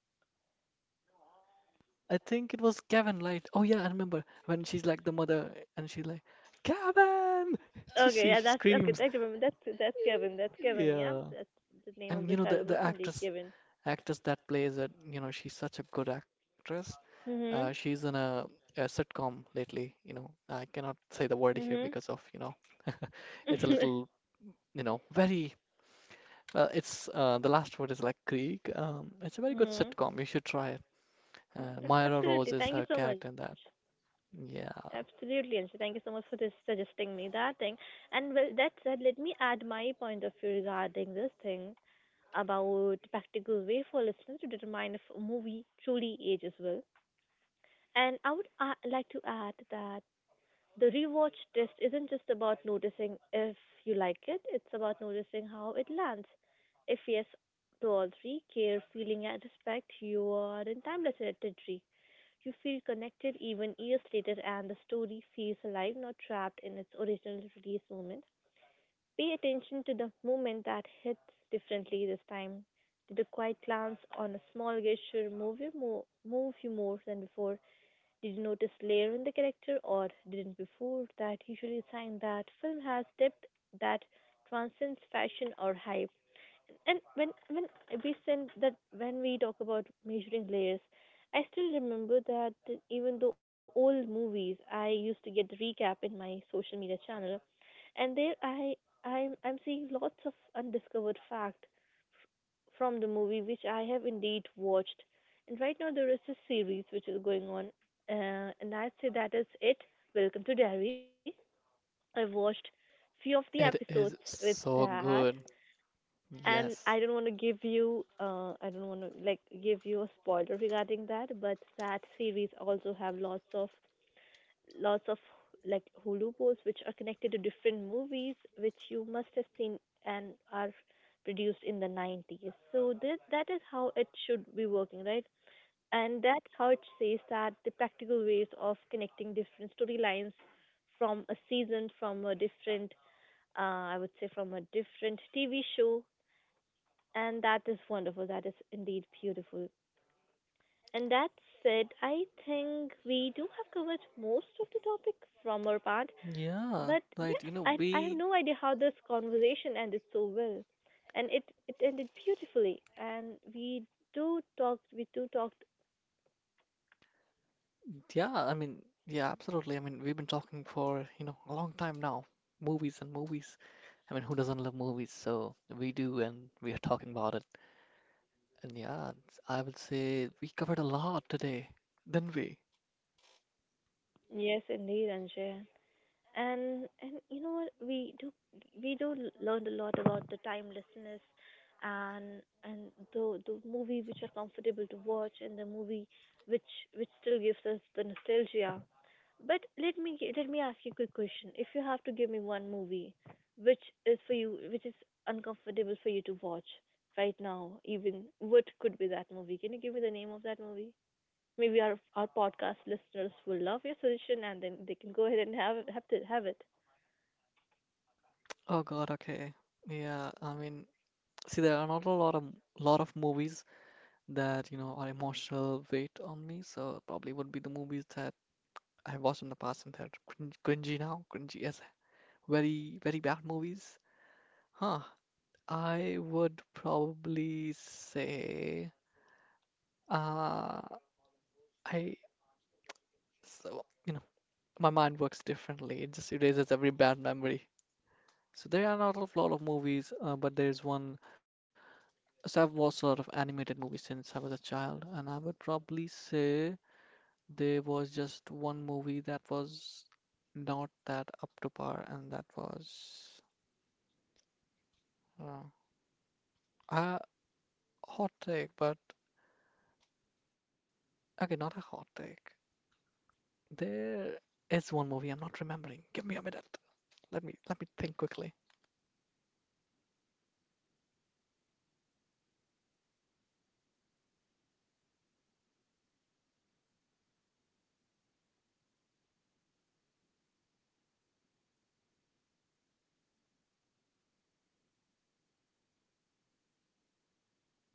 Speaker 2: Okay, yeah, that's okay. I remember. That's Kevin. That's Kevin. Yeah, that's the name of the child was indeed Kevin. Mhm. Mhm. Mhm. Absolutely. Thank you so much. Absolutely, Anju. Thank you so much for this suggesting me that thing. And with that said, let me add my point of view regarding this thing about practical way for listeners to determine if a movie truly ages well. And I would like to add that the rewatch test isn't just about noticing if you like it, it's about noticing how it lands. If yes to all three, care, feeling, and respect, you are in timeless territory. You feel connected even years later, and the story feels alive, not trapped in its original release moment. Pay attention to the moment that hits differently this time. Did a quiet glance on a small gesture move you more than before? Did you notice layer in the character or didn't before? That usually a sign that film has depth that transcends fashion or hype. And when we send that when we talk about measuring layers, I still remember that even though old movies, I used to get the recap in my social media channel, and there I'm seeing lots of undiscovered fact from the movie which I have indeed watched. And right now there is a series which is going on, and I'd say that is it. Welcome to Diary. I've watched few of the episodes with that, and I don't want to give you, I don't want to like give you a spoiler regarding that, but that series also have lots of like Hulu posts which are connected to different movies which you must have seen and are produced in the 90s. So this that is how it should be working, right? And that's how it says that the practical ways of connecting different storylines from a season, from a different, uh, I would say, from a different TV show and that is wonderful. That is indeed beautiful. And that said, I think we do have covered most of the topic from our part. But yeah, I have no idea how this conversation ended so well. And it ended beautifully. And we do talk. Yes, indeed, Anjay. And you know what we do learn a lot about the timelessness, and the movie which are comfortable to watch and the movie which still gives us the nostalgia. But let me ask you a quick question. If you have to give me one movie which is for you, which is uncomfortable for you to watch right now even, what could be that movie? Can you give me the name of that movie? Maybe our podcast listeners will love your suggestion, and then they can go ahead and have it.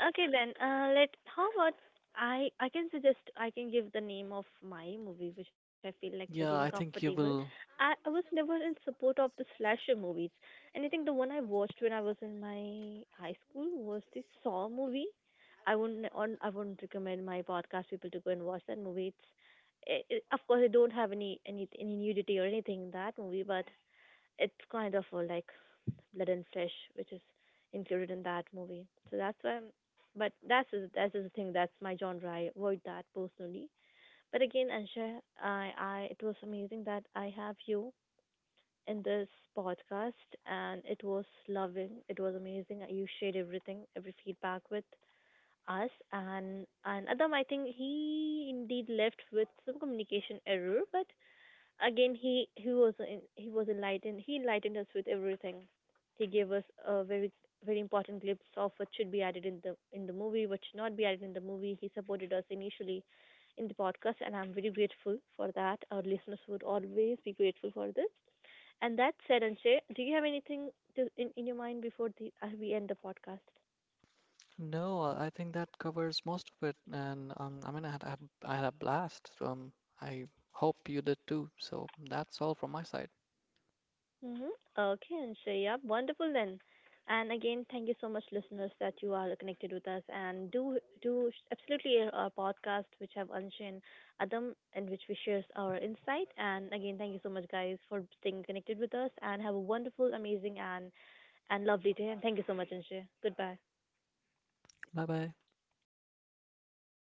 Speaker 2: Okay then, let, how about I can suggest, I can give the name of my movie which I feel like very uncomfortable. I was never in support of the slasher movies, and I think the one I watched when I was in my high school was the Saw movie. I wouldn't recommend my podcast people to go and watch that movie. It's of course I don't have any any nudity or anything in that movie, but it's kind of like blood and flesh, which is included in that movie. So that's why. I'm- but that's the thing. That's my genre. I avoid that personally. But again, Ansha, I it was amazing that I have you in this podcast, and it was loving. It was amazing. You shared everything, every feedback with us, and Adam, I think he indeed left with some communication error. But again, he was enlightened. He enlightened us with everything. He gave us a very very important glimpse of what should be added in the movie, what should not be added in the movie. He supported us initially in the podcast, and I'm very grateful for that. Our listeners would always be grateful for this. And that said, Anshay, do you have anything to, in your mind before the, we end the podcast? Mm-hmm. Okay, and so yeah, wonderful then. And again, thank you so much, listeners, that you are connected with us and do do absolutely hear our podcast, which have Anshay and Adam, and which we shares our insight. And again, thank you so much, guys, for staying connected with us and have a wonderful, amazing, and lovely day. And thank you so much, Anshay. Goodbye.